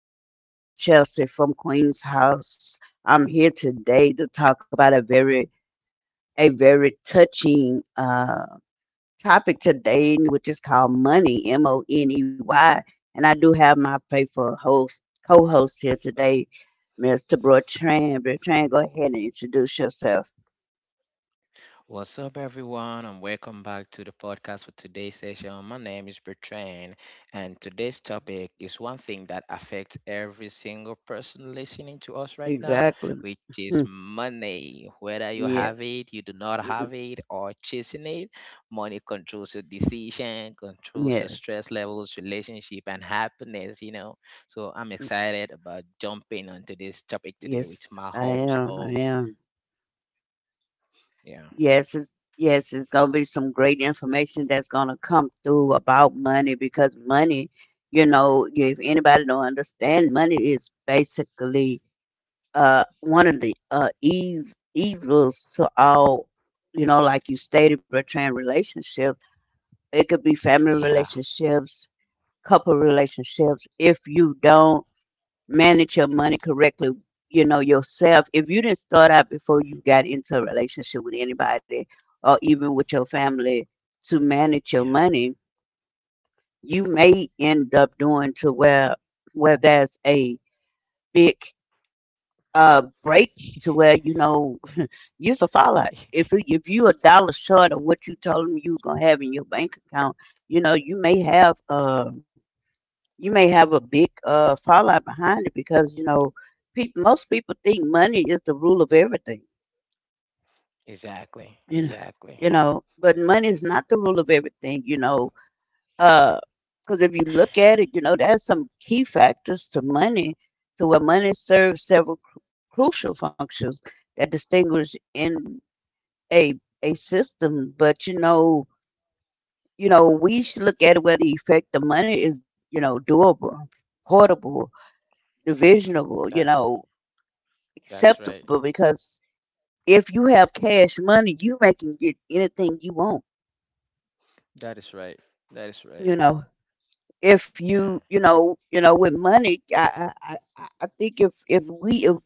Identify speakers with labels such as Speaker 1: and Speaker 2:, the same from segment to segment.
Speaker 1: is your host, Chelsea from Queen's House. I'm here today to talk about a very touching topic today, which is called money, M O N E Y. And I do have my faithful host, co host here today, Mr. Bertrand. Bertrand, go ahead and introduce yourself.
Speaker 2: What's up, everyone, and welcome back to the podcast for today's session. My name is Bertrand, and today's topic is one thing that affects every single person listening to us right now,
Speaker 1: Exactly.
Speaker 2: which is money. Whether you have
Speaker 1: Yes.
Speaker 2: it, you do not have it, or chasing it, money controls your decision, controls your
Speaker 1: Yes.
Speaker 2: stress levels, relationship, and happiness. So I'm excited about jumping onto this topic today with
Speaker 1: Yes,
Speaker 2: my
Speaker 1: I
Speaker 2: host.
Speaker 1: am. I
Speaker 2: Oh,
Speaker 1: am.
Speaker 2: yeah,
Speaker 1: Yes, it's gonna be some great information that's gonna come through about money because money. If anybody don't understand, money is basically one of the evils to all, you know, like you stated, Bertrand, relationship. It could be family
Speaker 2: yeah,
Speaker 1: relationships, couple relationships. If you don't manage your money correctly, you know, yourself, if you didn't start out before you got into a relationship with anybody or even with your family to manage your
Speaker 2: Yeah.
Speaker 1: money, you may end up doing to where there's a big break to where, you know, you're a fallout. If you a dollar short of what you told them you was gonna have in your bank account, you know, you may have a big fallout behind it, because, you know, most people think money is the rule of everything,
Speaker 2: Exactly.
Speaker 1: you know.
Speaker 2: Exactly.
Speaker 1: You know, but money
Speaker 2: Exactly.
Speaker 1: is not the rule of everything, you know, because if you look at it, you know, there's some key factors to money, to where money serves crucial functions that distinguish in a a system. But, you know, you know, we should look at it where the effect of money is, you know, doable, portable, divisionable,
Speaker 2: That
Speaker 1: you know,
Speaker 2: that's right.
Speaker 1: acceptable, because if you have cash money, you may can get anything you want.
Speaker 2: That is right. That is right.
Speaker 1: You know, if
Speaker 2: Yeah.
Speaker 1: you you know with money, I think if we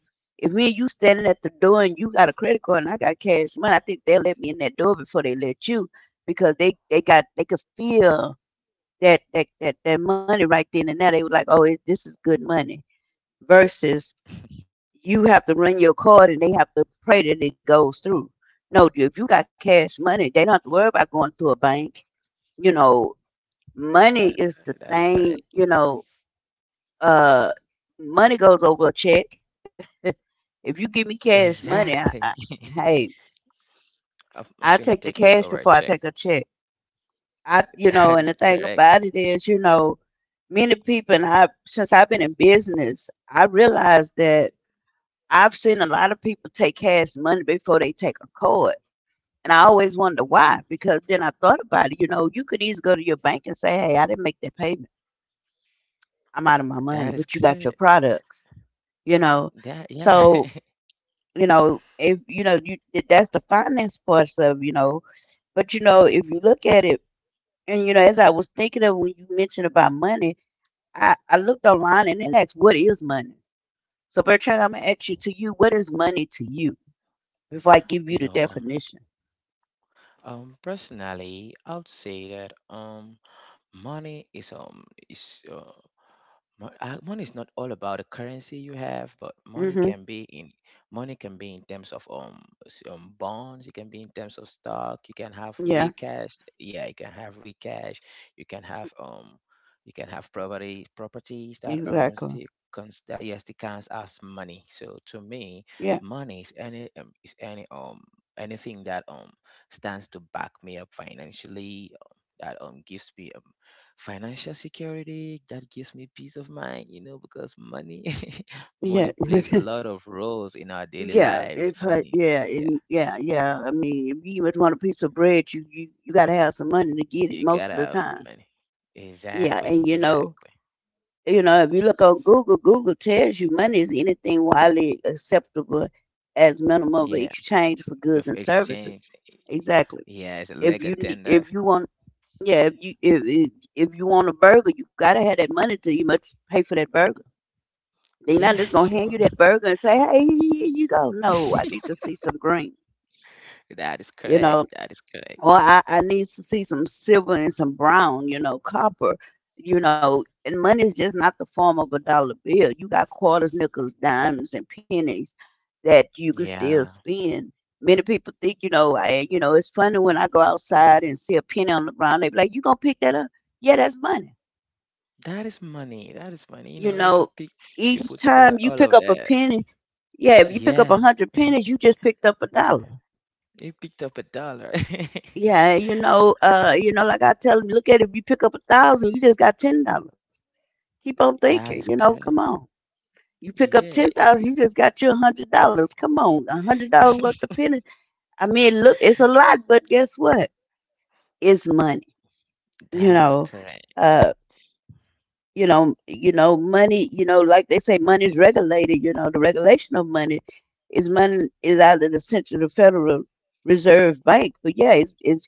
Speaker 1: if me and you standing at the door, and you got a credit card and I got cash money, I think they'll let me in that door before they let you, because they got, they could feel that money right then and there. They were like, oh, this is good money versus you have to run your card and they have to pray that it goes through. No, if you got cash money, they don't have to worry about going to a bank. You know,
Speaker 2: That
Speaker 1: money
Speaker 2: that
Speaker 1: is
Speaker 2: is
Speaker 1: the
Speaker 2: correct.
Speaker 1: thing, you know, uh money goes over a check. If you give me cash money,
Speaker 2: Exactly.
Speaker 1: hey,
Speaker 2: I'm
Speaker 1: I
Speaker 2: finna
Speaker 1: take
Speaker 2: take
Speaker 1: the
Speaker 2: it over a
Speaker 1: cash before
Speaker 2: check.
Speaker 1: I take a check. I, you know,
Speaker 2: That is
Speaker 1: and the thing
Speaker 2: correct.
Speaker 1: about it is, you know, many people, and I, since I've been in business, I realized that I've seen a lot of people take cash money before they take a card. And I always wonder why, because then I thought about it. You know, you could easily go to your bank and say, "Hey, I didn't make that payment. I'm out of my
Speaker 2: That is
Speaker 1: money," but you
Speaker 2: correct.
Speaker 1: got your products, you know.
Speaker 2: That yeah.
Speaker 1: So, you know, if you know, you that's the finance parts of, you know, but, you know, if you look at it, and, you know, as I was thinking of when you mentioned about money, I looked online and then asked, what is money? So Bertrand, I'm gonna ask you, what is money to you, before I give you
Speaker 2: you
Speaker 1: the
Speaker 2: know, um,
Speaker 1: definition?
Speaker 2: Personally, I would say that money is Money is not all about the currency you have, but money
Speaker 1: Hmm.
Speaker 2: can be in terms of bonds. It can be in terms of stock. You can have
Speaker 1: Yeah,
Speaker 2: real cash. Yeah, you can have real cash. You can have um, you can have property properties that
Speaker 1: exactly.
Speaker 2: still that yes, still counts as money. So to me,
Speaker 1: Yeah,
Speaker 2: money is any anything that stands to back me up financially. That gives me financial security, that gives me peace of mind. Because money
Speaker 1: yeah,
Speaker 2: money plays a lot of roles in our daily
Speaker 1: yeah.
Speaker 2: lives.
Speaker 1: It's like
Speaker 2: Money,
Speaker 1: yeah,
Speaker 2: yeah,
Speaker 1: and yeah, yeah. I mean, if you even want a piece of bread, you got to have some money to get it
Speaker 2: you
Speaker 1: most
Speaker 2: gotta
Speaker 1: of the
Speaker 2: have
Speaker 1: time.
Speaker 2: money.
Speaker 1: Yeah,
Speaker 2: Exactly,
Speaker 1: and you know,
Speaker 2: exactly.
Speaker 1: you know, if you look on Google, Google tells you money is anything widely acceptable as minimum of
Speaker 2: Yeah,
Speaker 1: exchange for goods
Speaker 2: with
Speaker 1: and services.
Speaker 2: exchange.
Speaker 1: Exactly.
Speaker 2: Yeah, it's a leg tender.
Speaker 1: If you want, yeah, if you want a burger, you gotta have that money to you must pay for that burger. They're
Speaker 2: Yeah.
Speaker 1: not just gonna hand
Speaker 2: Sure.
Speaker 1: you that burger and say, "Hey, here you go." No, I need to see some green.
Speaker 2: That is
Speaker 1: You know,
Speaker 2: correct. That is correct.
Speaker 1: or I need to see some silver and some brown. You know, copper, you know, and money is just not the form of a dollar bill. You got quarters, nickels, dimes, and pennies that you can still
Speaker 2: Yeah.
Speaker 1: spend. Many people think, you know, you know, it's funny when I go outside and see a penny on the ground. They be like, "You gonna pick that up?" Yeah, that's money.
Speaker 2: That is money. That is money.
Speaker 1: You
Speaker 2: If
Speaker 1: know,
Speaker 2: you pick, you
Speaker 1: each
Speaker 2: put
Speaker 1: time you
Speaker 2: together
Speaker 1: pick
Speaker 2: all
Speaker 1: up
Speaker 2: of
Speaker 1: a
Speaker 2: that.
Speaker 1: penny, yeah, if you pick up a
Speaker 2: Yeah,
Speaker 1: hundred pennies, you just picked up a dollar.
Speaker 2: you picked up a dollar.
Speaker 1: Yeah, you know, like I tell them, look at it, if you pick up a thousand, you just got $10. Keep on
Speaker 2: That is
Speaker 1: thinking, you
Speaker 2: correct.
Speaker 1: know, come on. You pick up
Speaker 2: Yeah.
Speaker 1: 10,000, you just got your $100. Come on, $100 worth of pennies. I mean, look, it's a lot, but guess what? It's money. You
Speaker 2: That is
Speaker 1: know,
Speaker 2: correct.
Speaker 1: uh, you know, you know, money. You know, like they say, money is regulated. You know, the regulation of money is out of the Federal Reserve Bank. But yeah, it's,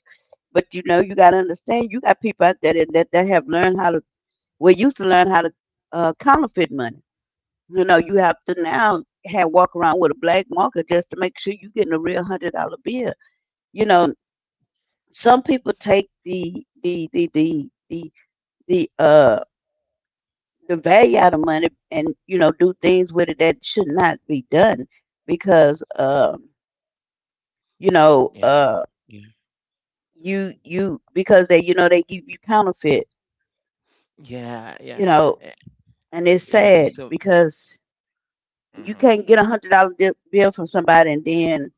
Speaker 1: but you know, you got to understand, you got people out there that that have learned how to. We used to learn how to counterfeit money. You know, you have to now have walk around with a black marker just to make sure you're getting a real $100 bill. You know, some people take the the the, the uh the value out of money, and you know, do things with it that should not be done, because you know,
Speaker 2: Yeah. Yeah.
Speaker 1: you, you because they you know, they give you counterfeit,
Speaker 2: Yeah.
Speaker 1: you
Speaker 2: Yeah.
Speaker 1: know,
Speaker 2: Eh,
Speaker 1: and it's
Speaker 2: you
Speaker 1: sad,
Speaker 2: know, it's so.
Speaker 1: because you
Speaker 2: Hmm.
Speaker 1: can't get $100 bill from somebody and then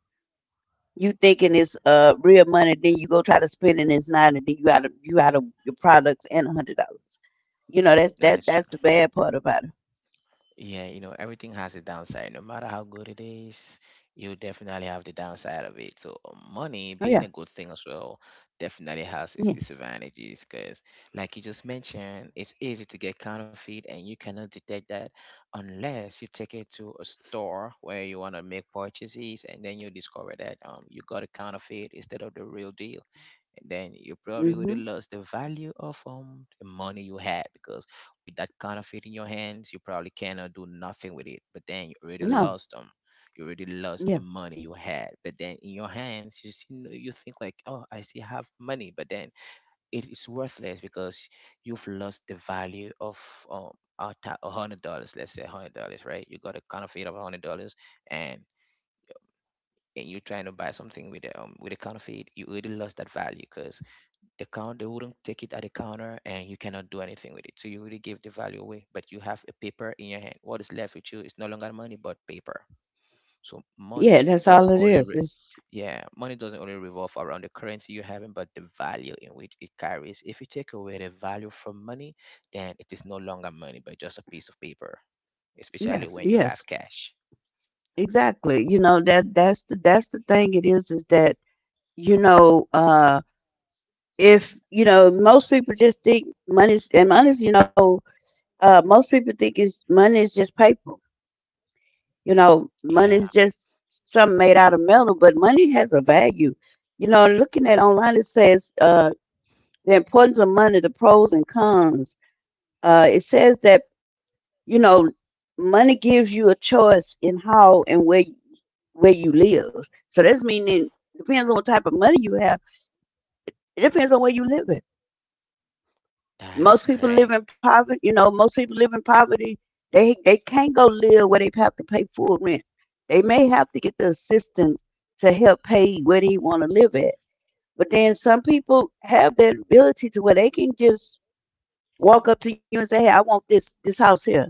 Speaker 1: you thinking
Speaker 2: Hmm.
Speaker 1: it's real money, then you go try to spend it and it's not, and then you out of your products and $100. You know,
Speaker 2: That is true.
Speaker 1: that's the bad part about it.
Speaker 2: Yeah, you know, everything has a downside. No matter how good it is, you definitely have the downside of it. So, money
Speaker 1: Oh
Speaker 2: being
Speaker 1: yeah,
Speaker 2: a good thing as well definitely has its
Speaker 1: yes,
Speaker 2: disadvantages because, like you just mentioned, it's easy to get counterfeit and you cannot detect that unless you take it to a store where you want to make purchases and then you discover that you got a counterfeit instead of the real deal. And then you probably would
Speaker 1: mm-hmm.
Speaker 2: have lost the value of the money you had because with that counterfeit in your hands, you probably cannot do nothing with it. But then you already
Speaker 1: No,
Speaker 2: lost them. You already lost the
Speaker 1: yeah,
Speaker 2: money you had. But then in your hands, you see, you think like, oh, I still have money. But then it is worthless because you've lost the value of um $100. Let's say $100, right? You got a counterfeit of $100, and and you're trying to buy something with a counterfeit, you already lost that value because the count they wouldn't take it at the counter and you cannot do anything with it, so you really give the value away, but you have a paper in your hand. What is left with you is no longer money but paper. So
Speaker 1: yeah. That's all it is. It's
Speaker 2: money doesn't only revolve around the currency you having, but the value in which it carries. If you take away the value from money, then it is no longer money but just a piece of paper, especially
Speaker 1: Yes,
Speaker 2: when you have
Speaker 1: yes,
Speaker 2: cash.
Speaker 1: exactly. You know, that's the thing. It is that You know, uh if you know most people just think money's, you know, most people think is money is just paper. You know,
Speaker 2: Yeah,
Speaker 1: money is just something made out of metal, but money has a value. You know, looking at online, it says, the importance of money, the pros and cons. It says that, you know, money gives you a choice in how and where you live. So that's meaning it depends on what type of money you have. It depends on where you live.
Speaker 2: that is
Speaker 1: Most people
Speaker 2: correct.
Speaker 1: live in poverty. You know, most people live in poverty. They can't go live where they have to pay full rent. They may have to get the assistance to help pay where they want to live at. But then some people have that ability to where they can just walk up to you and say, "Hey, I want this house here,"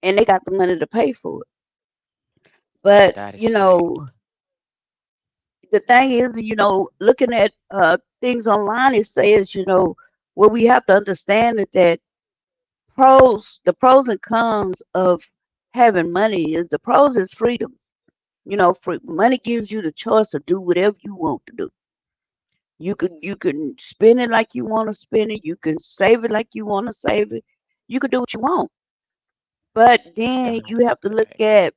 Speaker 1: and they got the money to pay for it. But
Speaker 2: That is
Speaker 1: you
Speaker 2: correct.
Speaker 1: know, the thing is, you know, looking at things online, it says, you know, what we have to understand is that pros and cons of having money is the pros is freedom, you know. Money gives you the choice to do whatever you want to do. You can spend it like you want to spend it, you can save it like you want to save it, you can do what you want. But then
Speaker 2: That is
Speaker 1: you have to look
Speaker 2: correct.
Speaker 1: at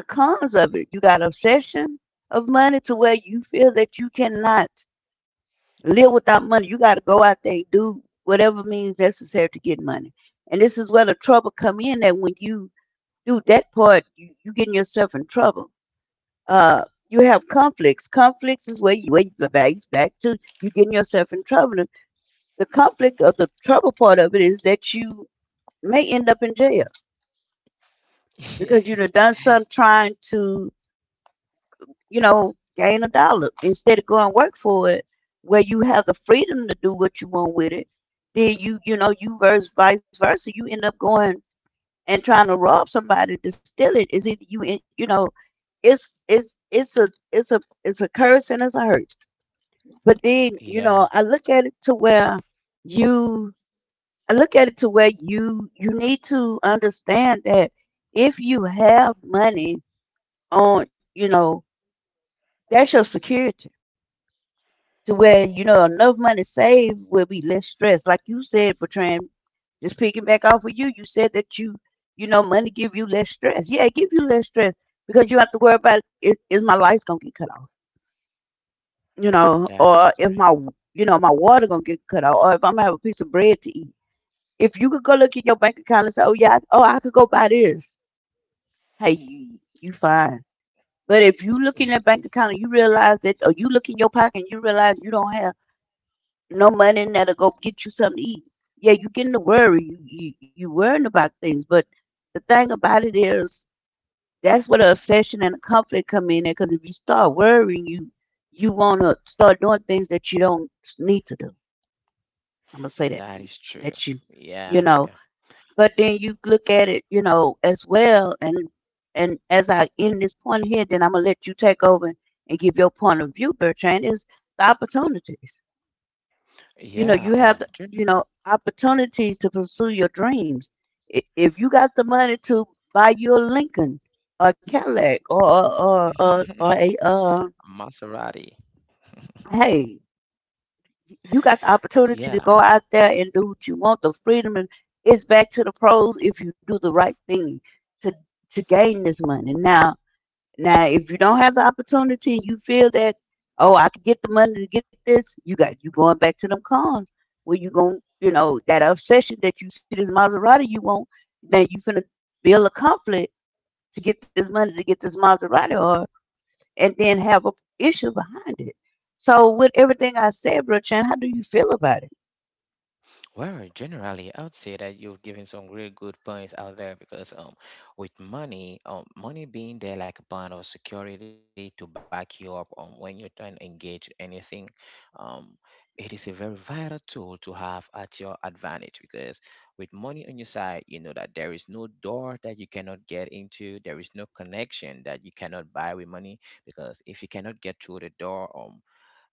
Speaker 1: the cons of it. You got obsession of money to where you feel that you cannot live without money, you got to go out there and do whatever means necessary to get money. And this is where the trouble come in, that when you do that part, you getting yourself in trouble. Uh, you have conflicts. Conflicts is where you where the bags back to you getting yourself in trouble. The conflict of the trouble part of it is that you may end up in jail, because you done done some trying to, you know, gain a dollar instead of going work for it, where you have the freedom to do what you want with it. Then you versus vice versa, you end up going and trying to rob somebody to steal. It is either you in- you know it's a curse and it's a hurt. But then,
Speaker 2: Yeah,
Speaker 1: you I look at it to where you need to understand that if you have money on, you know that's your security, to where, enough money saved will be less stress, like you said, Bertrand. Just picking back off of you, you said that money give you less stress. Yeah, it give you less stress because you don't have to worry about it. Is, my lights gonna get cut off,
Speaker 2: that is
Speaker 1: or if my,
Speaker 2: correct.
Speaker 1: you know, my water gonna get cut off, or if I'm gonna have a piece of bread to eat? If you could go look at your bank account and say, "Oh yeah, oh, I could go buy this." Hey, you fine. But if you look in that bank account and you realize that, or you look in your pocket and you realize you don't have no money in there to go get you something to eat, yeah, you getting to worry. You worrying about things. But the thing about it is, that's where the obsession and the conflict come in, because if you start worrying, you want to start doing things that you don't need to do. I'm gonna say that,
Speaker 2: That is true.
Speaker 1: that you
Speaker 2: Yeah,
Speaker 1: you
Speaker 2: yeah,
Speaker 1: know but then you look at it, as well. And as I end this point here, then I'm gonna let you take over and give your point of view, Bertrand. Is the opportunities.
Speaker 2: yeah.
Speaker 1: You have the,
Speaker 2: True.
Speaker 1: opportunities to pursue your dreams if you got the money to buy you a Lincoln, a Cadillac, or a
Speaker 2: Maserati.
Speaker 1: hey, you got the opportunity to
Speaker 2: Yeah.
Speaker 1: go out there and do what you want. The freedom, and it's back to the pros if you do the right thing to gain this money. Now, if you don't have the opportunity, you feel that, oh, I could get the money to get this. You got you going back to them cons where you going, that obsession that you see this Maserati you want. Now you finna build a conflict to get this money to get this Maserati. Or, and then have a issue behind it. So with everything I said, Brother Chan, how do you feel about it?
Speaker 2: Well, generally, I would say that you've given some really good points out there because with money, money being there like a bond of security to back you up when you're trying to engage anything, um, it is a very vital tool to have at your advantage because with money on your side, you know that there is no door that you cannot get into, there is no connection that you cannot buy with money because if you cannot get through the door,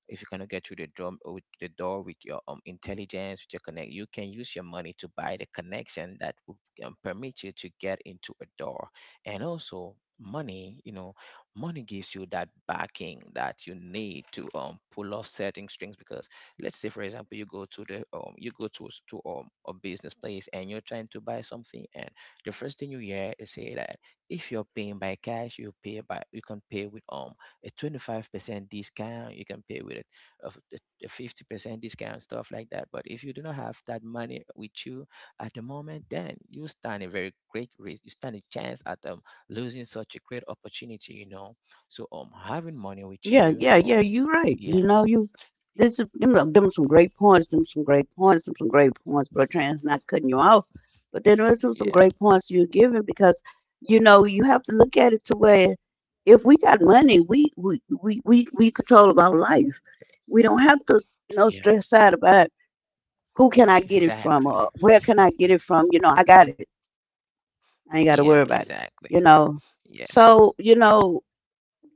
Speaker 2: if you cannot get through the door with your intelligence, with your connect, you can use your money to buy the connection that will permit you to get into a door. And also, money you know money gives you that backing that you need to pull off certain strings. Because let's say for example you go to the you go to a business place and you're trying to buy something, and the first thing you hear is say that if you're paying by cash you can pay with a 25% discount, you can pay with it of the 50% discount, stuff like that. But if you do not have that money with you at the moment, then you stand a very great risk. You stand a chance at losing such a great opportunity, you know. So having money with
Speaker 1: Yeah,
Speaker 2: you,
Speaker 1: yeah, yeah. You're right.
Speaker 2: yeah,
Speaker 1: You know, you This is them some great points. Them some great points. Them some great points. Brother Chan's not cutting you off, but then there's some
Speaker 2: yeah,
Speaker 1: great points you're giving, because you have to look at it to where, if we got money, we control our life. We don't have to
Speaker 2: yeah.
Speaker 1: stress out about who can I get it from,
Speaker 2: Exactly.
Speaker 1: or where can I get it from. I got it. I ain't got to
Speaker 2: Yeah,
Speaker 1: worry about it,
Speaker 2: exactly.
Speaker 1: you know
Speaker 2: Yeah,
Speaker 1: so you know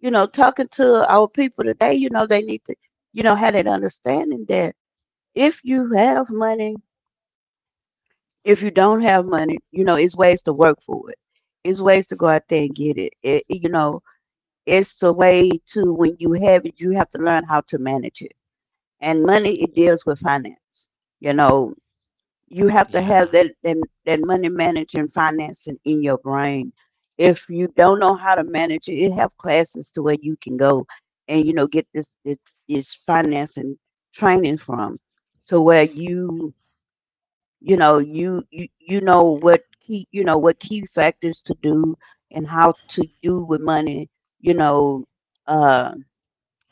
Speaker 1: you know talking to our people today, they need to have that understanding that if you have money, if you don't have money, it's ways to work for it. It's ways to go out there and get it, it, it's a way to. When you have it, you have to learn how to manage it, and money, it
Speaker 2: yeah,
Speaker 1: deals with finance. you know you have to have
Speaker 2: yeah,
Speaker 1: that money managing financing in your brain. If you don't know how to manage it, you have classes to where you can go and get this finance training from, to where you know what
Speaker 2: yeah,
Speaker 1: key, factors to do and how to do with money. You know, uh,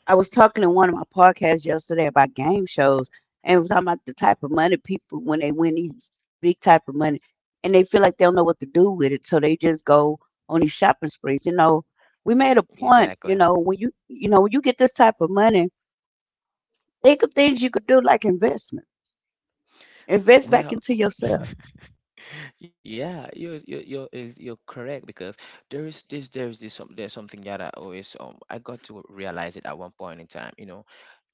Speaker 1: I was talking in one of my podcasts yesterday about game shows, and was talking about the type of money people when they win these big type of money, and they feel like they don't know what to do with it, so they just go on these shopping sprees. We made a point,
Speaker 2: exactly.
Speaker 1: when when you get this type of money, think of things you could do, like investment. Invest back
Speaker 2: Well,
Speaker 1: into yourself.
Speaker 2: yeah, you're correct because there's something that I always I got to realize it at one point in time. You know,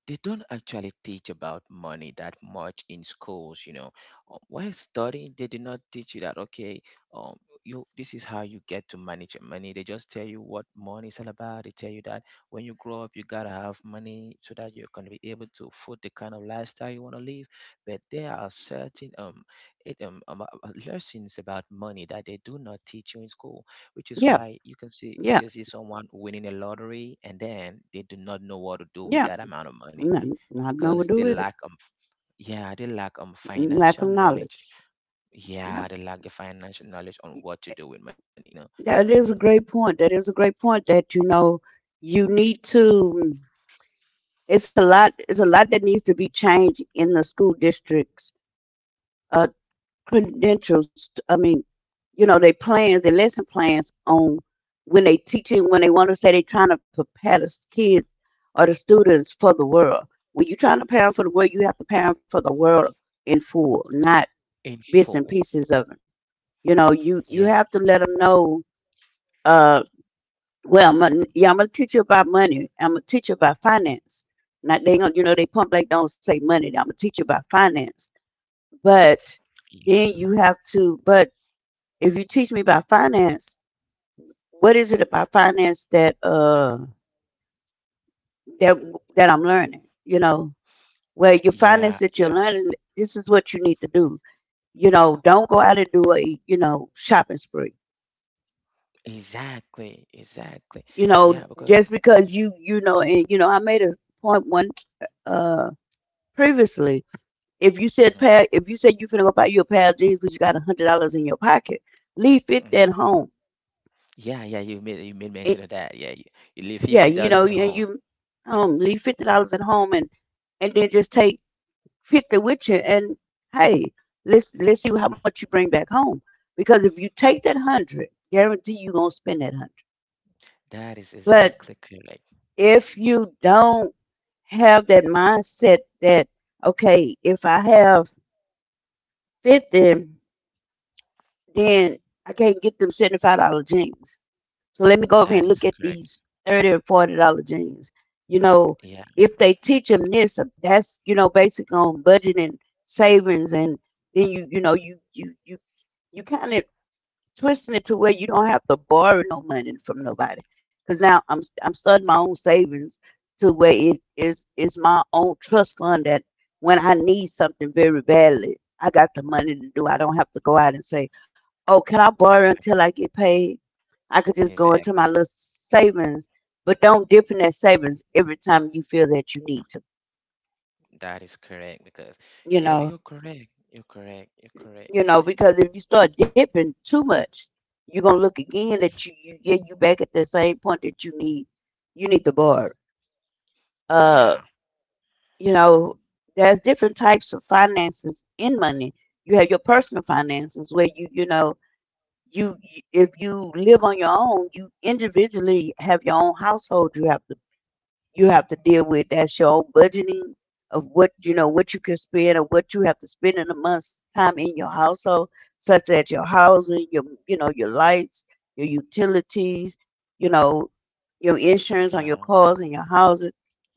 Speaker 2: they don't actually teach about money that much in schools, you know. While studying, they do not teach you that, okay, um you, this is how you get to manage your money. They just tell you what money is all about. They tell you that when you grow up you gotta have money so that you are gonna be able to afford the kind of lifestyle you want to live. But there are certain lessons about money that they do not teach you in school, which is
Speaker 1: Yeah,
Speaker 2: why you can see, you
Speaker 1: yeah,
Speaker 2: can see someone winning a lottery and then they do not know what to do with
Speaker 1: yeah.
Speaker 2: that amount of money
Speaker 1: Not, not know
Speaker 2: because
Speaker 1: what
Speaker 2: they
Speaker 1: to do
Speaker 2: lack
Speaker 1: with it.
Speaker 2: financial
Speaker 1: Lack of
Speaker 2: knowledge.
Speaker 1: knowledge.
Speaker 2: Yeah, they
Speaker 1: Yep.
Speaker 2: lack the financial knowledge on what to do with money, you know.
Speaker 1: That is a great point. That is a great point that, you need to. It's a lot. It's a lot that needs to be changed in the school districts. Uh, Credentials, I mean. Their lesson plans on when they teaching, when they want to say they are trying to prepare the kids or the students for the world. When you are trying to prepare 'em for the world, you have to prepare 'em for the world in full, not
Speaker 2: In
Speaker 1: bits and
Speaker 2: full.
Speaker 1: pieces of it. You
Speaker 2: Yeah.
Speaker 1: have to let them know. Uh, well, I'm gonna, yeah, I'm gonna teach you about money. I'm gonna teach you about finance. Not they don't, they pump like don't say money. I'm gonna teach you about finance. But
Speaker 2: y-
Speaker 1: then you have to. But if you teach me about finance, what is it about finance that that I'm learning? Well, your
Speaker 2: yeah,
Speaker 1: finance that
Speaker 2: yeah,
Speaker 1: you're learning, this is what you need to do. Don't go out and do a shopping spree.
Speaker 2: exactly, exactly. Yeah, because
Speaker 1: Just because you know and you know I made a point one, uh previously. If you said pad,
Speaker 2: mhm,
Speaker 1: if you said you finna go buy you a pair of jeans because you got $100 in your pocket, leave 50
Speaker 2: mhm.
Speaker 1: at home.
Speaker 2: Yeah, yeah, you made, you made mention
Speaker 1: It,
Speaker 2: of that. Yeah, you leave
Speaker 1: yeah,
Speaker 2: fifty dollars at
Speaker 1: yeah,
Speaker 2: home.
Speaker 1: you home, leave $50 at home, and then just take 50 with you. And hey, let's see how much you bring back home. Because if you take that hundred, guarantee you gonna spend that hundred.
Speaker 2: That is
Speaker 1: But
Speaker 2: exactly correct.
Speaker 1: if you don't have that mindset that, okay, if I have 50, then I can't get them $75 jeans. So let me go over here
Speaker 2: That
Speaker 1: and look
Speaker 2: is
Speaker 1: at
Speaker 2: correct.
Speaker 1: these $30 and $40 jeans. You know,
Speaker 2: Yeah.
Speaker 1: if they teach them this, that's basic on budgeting, savings, and then you kind of twisting it to where you don't have to borrow no money from nobody. Because now I'm starting my own savings, to where it is my own trust fund, that when I need something very badly, I got the money to do. I don't have to go out and say, "Oh, can I borrow until
Speaker 2: Exactly.
Speaker 1: I get paid?" I could just go into my
Speaker 2: Exactly.
Speaker 1: little savings, but don't dip in that savings every time you feel that you need to,
Speaker 2: That is correct because
Speaker 1: you
Speaker 2: you're
Speaker 1: know,
Speaker 2: you're correct. You're correct. You're correct.
Speaker 1: because if you start dipping too much, you're gonna look again that you get you back at the same point that you need to borrow. Uh,
Speaker 2: Yeah.
Speaker 1: you know, there's different types of finances in money. You have your personal finances, where if you live on your own, you individually have your own household you have to, deal with. That's your own budgeting of what you know what you can spend or what you have to spend in a month's time in your household, such as your housing, your, your lights, your utilities, you know your insurance on your
Speaker 2: Yeah.
Speaker 1: cars and your house.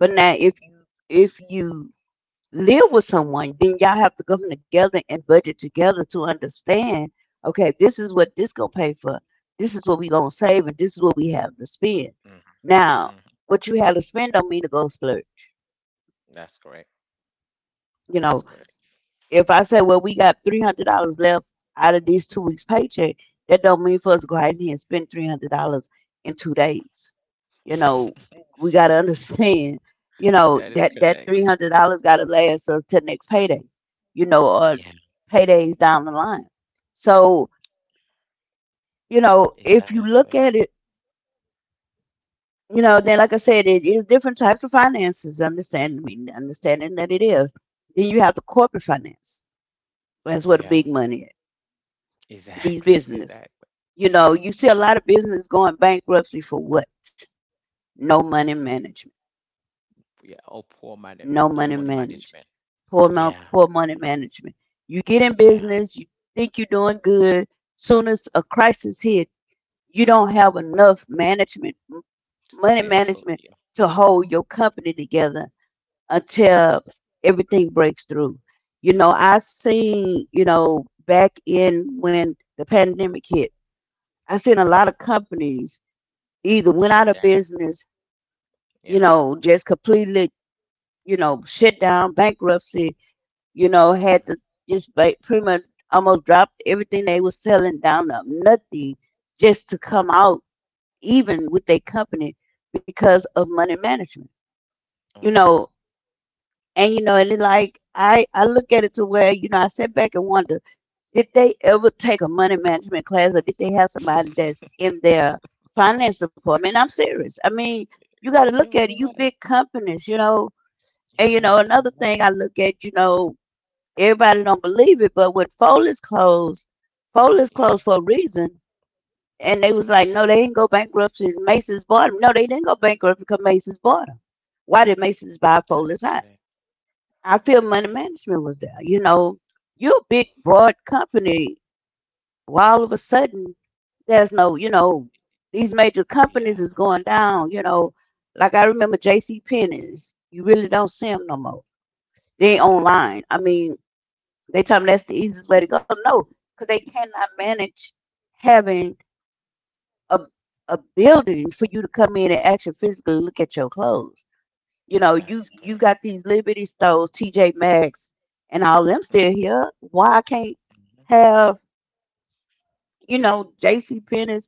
Speaker 1: But now if if you live with someone, then y'all have to come together and budget together to understand. Okay, this is what this gonna pay for. This is what we gonna save, and this is what we have to spend.
Speaker 2: Hmm.
Speaker 1: Now,
Speaker 2: Hmm.
Speaker 1: what you have to spend don't mean to go splurge.
Speaker 2: That's correct.
Speaker 1: You
Speaker 2: That is
Speaker 1: know,
Speaker 2: correct.
Speaker 1: if I say, well, we got $300 left out of these 2 weeks' paycheck, that don't mean for us to go out here and spend $300 in 2 days. You know, we got to understand. You know
Speaker 2: That
Speaker 1: that
Speaker 2: is
Speaker 1: that three
Speaker 2: correct.
Speaker 1: hundred dollars got to last us till next payday. Or
Speaker 2: Yeah.
Speaker 1: paydays down the line. So, if you look
Speaker 2: Exactly.
Speaker 1: at it, then like I said, it is different types of finances. Understanding, I mean, understanding that it is. Then you have the corporate finance. That's where the
Speaker 2: Yeah.
Speaker 1: big money is, these
Speaker 2: Exactly.
Speaker 1: business.
Speaker 2: Exactly.
Speaker 1: You see a lot of business going bankruptcy for what? No money management.
Speaker 2: Yeah. Oh, poor man.
Speaker 1: No
Speaker 2: Poor
Speaker 1: money
Speaker 2: money
Speaker 1: management.
Speaker 2: management.
Speaker 1: Poor
Speaker 2: Yeah.
Speaker 1: poor money management. You get in
Speaker 2: Yeah.
Speaker 1: business, you think you're doing good. Soon as a crisis hit, you don't have enough management,
Speaker 2: To stay
Speaker 1: money
Speaker 2: afloat.
Speaker 1: management
Speaker 2: Yeah.
Speaker 1: to hold your company together until everything breaks through. I seen, back in when the pandemic hit, I seen a
Speaker 2: Mm-hmm.
Speaker 1: lot of companies either went
Speaker 2: Shut
Speaker 1: out of
Speaker 2: down.
Speaker 1: business,
Speaker 2: Yeah.
Speaker 1: just completely, shut down, bankruptcy, had
Speaker 2: Mm-hmm.
Speaker 1: to just pretty much almost dropped everything they were selling down to nothing, just to come out even with their company, because of money management. You
Speaker 2: Uh-huh.
Speaker 1: know. And you know, and it like I look at it to where, I sit back and wonder, did they ever take a money management class, or did they have somebody that's in their finance department? I'm serious. I mean, you got to look
Speaker 2: Yeah.
Speaker 1: at it.
Speaker 2: You're
Speaker 1: You
Speaker 2: right.
Speaker 1: big companies, you know, and
Speaker 2: You're right. You're
Speaker 1: another thing
Speaker 2: right.
Speaker 1: I look at, everybody don't believe it, but when Foley's
Speaker 2: Yeah.
Speaker 1: closed for a reason, and they was like, no, they didn't go bankruptcy. Macy's bought them. No, they didn't go bankrupt because Macy's bought them. Why did Macy's buy
Speaker 2: That is
Speaker 1: Foley's High?
Speaker 2: correct.
Speaker 1: I feel money management was there. You know, you a big, broad company. Why all of a sudden there's no, these major
Speaker 2: Yeah.
Speaker 1: companies is going down. You know, like I remember J.C. Penney's. You really don't see them no more. They
Speaker 2: That is true.
Speaker 1: online. I mean, they tell me that's the easiest way to go. No, because they cannot manage having a a building for you to come in and actually physically look at your clothes. You know,
Speaker 2: That is
Speaker 1: you
Speaker 2: correct.
Speaker 1: got these Liberty Stores, TJ Maxx, and all them still
Speaker 2: Mm-hmm.
Speaker 1: here. Why I can't
Speaker 2: Mm-hmm,
Speaker 1: have, J.C. Penney's,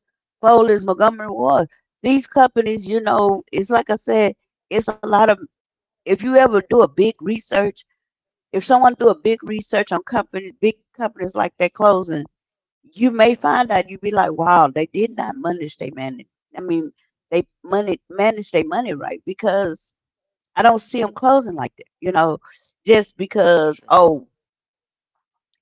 Speaker 1: Foley's, Montgomery Ward? These companies, you know, it's like I said, it's a lot of. If you ever do a big research, if someone do a big research on company, big companies like that closing, you may
Speaker 2: mm-hmm.
Speaker 1: find out you'd be like, wow, they did not manage their money. I mean, they money manage their money right because I don't see them closing like that. You know, just because
Speaker 2: That's true.
Speaker 1: oh,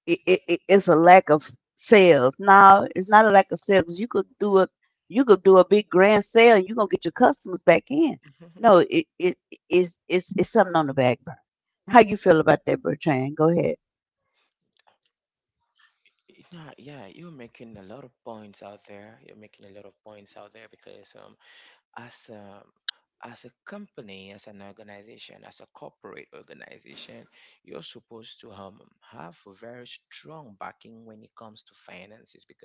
Speaker 1: it's a lack of sales. No, it's not a lack of sales. You could do a big grand sale, and you're gonna get your customers back
Speaker 2: Mm-hmm.
Speaker 1: in. No, it it's something on the back burner. How you feel about that, Bertrand? Go ahead.
Speaker 2: Yeah, yeah, you're making a lot of points out there. You're making a lot of points out there because as a company, as an organization, as a corporate organization, you're supposed to have a very strong backing when it comes to finances. Because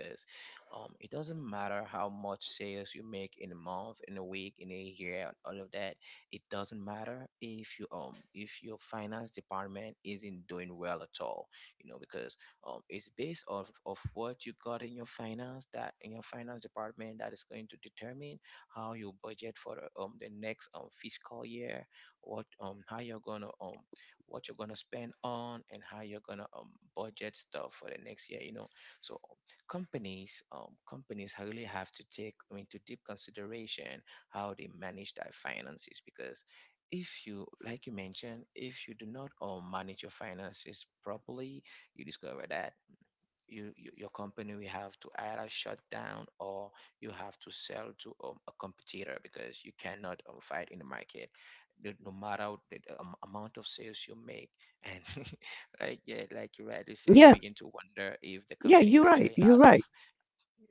Speaker 2: it doesn't matter how much sales you make in a month, in a week, in a year, all of that. It doesn't matter if you if your finance department isn't doing well at all, you know, because it's based off of what you got in your finance, that in your finance department, that is going to determine how you budget for the next fiscal year, what how you're gonna what you're gonna spend on, and how you're gonna budget stuff for the next year. You know, so companies really have to take into deep consideration how they manage their finances. Because if you, like you mentioned, if you do not manage your finances properly, you discover that you your company will have to either shut down, or you have to sell to a competitor because you cannot fight in the market no matter the amount of sales you make. And like, yeah, like you rightly said, you
Speaker 1: Yeah,
Speaker 2: begin to wonder if the
Speaker 1: yeah,
Speaker 2: company
Speaker 1: you're right.
Speaker 2: actually
Speaker 1: You're
Speaker 2: has a,
Speaker 1: right.
Speaker 2: f-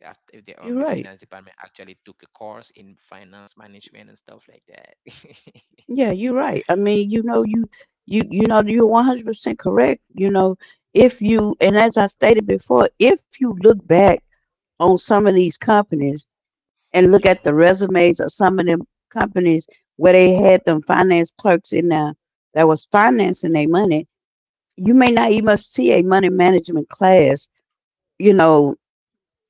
Speaker 2: aft- if the the
Speaker 1: You're right.
Speaker 2: finance department actually took a course in finance management and stuff like that.
Speaker 1: Yeah, you're right. I mean, you know, you know, you're 100% correct. You know, if you, and as I stated before, if you look back on some of these companies and look
Speaker 2: Yeah,
Speaker 1: at the resumes of some of them companies where they had them finance clerks in there that was financing their money, you may not even see a money management class. You know,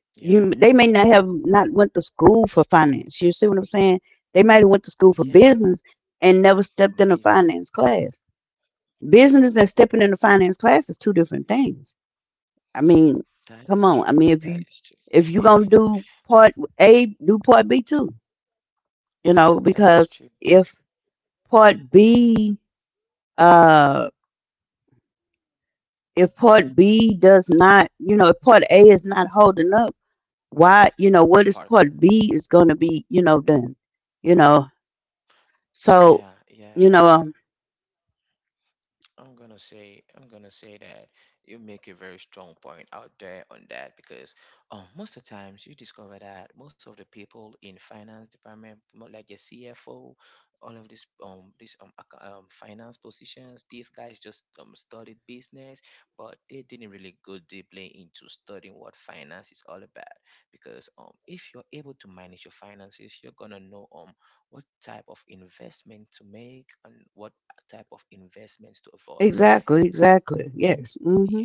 Speaker 2: yeah,
Speaker 1: you they may not have not went to school for finance. You see what I'm saying? They might have went to
Speaker 2: yeah.
Speaker 1: school for business and never stepped in
Speaker 2: Business.
Speaker 1: a finance class. Business and stepping in a finance class is two different things. I mean,
Speaker 2: That is
Speaker 1: come
Speaker 2: true.
Speaker 1: on. I mean,
Speaker 2: That is true.
Speaker 1: if you gonna do part A, do part B too. You know,
Speaker 2: That is true.
Speaker 1: because part B, uh, if part B does not, you know, if part A is not holding up, why, you know, what is
Speaker 2: Part.
Speaker 1: part B is gonna be, you know, done. You know,
Speaker 2: Yeah,
Speaker 1: so,
Speaker 2: yeah,
Speaker 1: you know,
Speaker 2: I'm gonna say, I'm gonna say that you make a very strong point out there on that because most of the times you discover that most of the people in finance department, more like the CFO, all of these finance positions, these guys just studied business, but they didn't really go deeply into studying what finance is all about. Because if you're able to manage your finances, you're gonna know what type of investment to make and what type of investments to avoid.
Speaker 1: exactly,
Speaker 2: Because,
Speaker 1: exactly.
Speaker 2: yeah,
Speaker 1: Yes. Mm-hmm.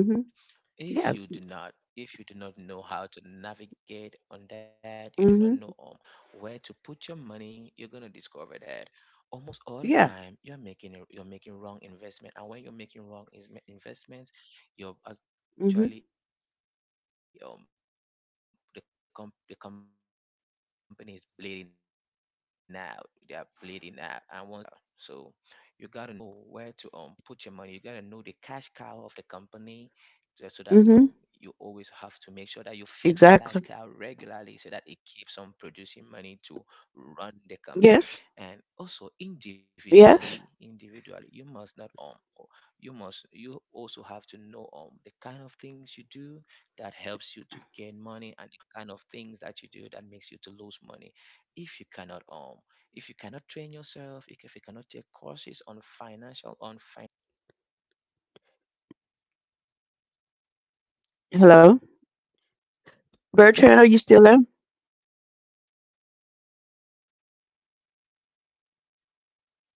Speaker 1: Mm-hmm. Yeah.
Speaker 2: if you do not know how to navigate on that, you do not know where
Speaker 1: Mm-hmm.
Speaker 2: to put your money, you're gonna discover that almost all the time you're
Speaker 1: Yeah.
Speaker 2: you're making wrong investment, and when you're making wrong investments, you're actually the
Speaker 1: Mm-hmm.
Speaker 2: company is bleeding out. They are bleeding out, and once they bleed out until they're done, then there is no way out. There's no way out. So you gotta know where to put your money. You gotta know the cash cow of the company, so that you always have to make
Speaker 1: Mm-hmm.
Speaker 2: sure that you feed the cash cow regularly, so that
Speaker 1: Exactly.
Speaker 2: it keeps on producing money to run the company. And also
Speaker 1: Yes.
Speaker 2: individually, individually, you must not
Speaker 1: Yes.
Speaker 2: you also have to know the kind of things you do that helps you to gain money and the kind of things that you do that makes you to lose money. If you cannot if you cannot train yourself, if you cannot take courses on on finance management, or how to manage your money, you're gonna discover that you can be making up to fifty
Speaker 1: Hello.
Speaker 2: thousand a year, you can be making a hundred
Speaker 1: Bertrand, are
Speaker 2: thousand
Speaker 1: you still
Speaker 2: dollars a
Speaker 1: there?
Speaker 2: year, but you are unable to pay out your debts, you're unable to manage your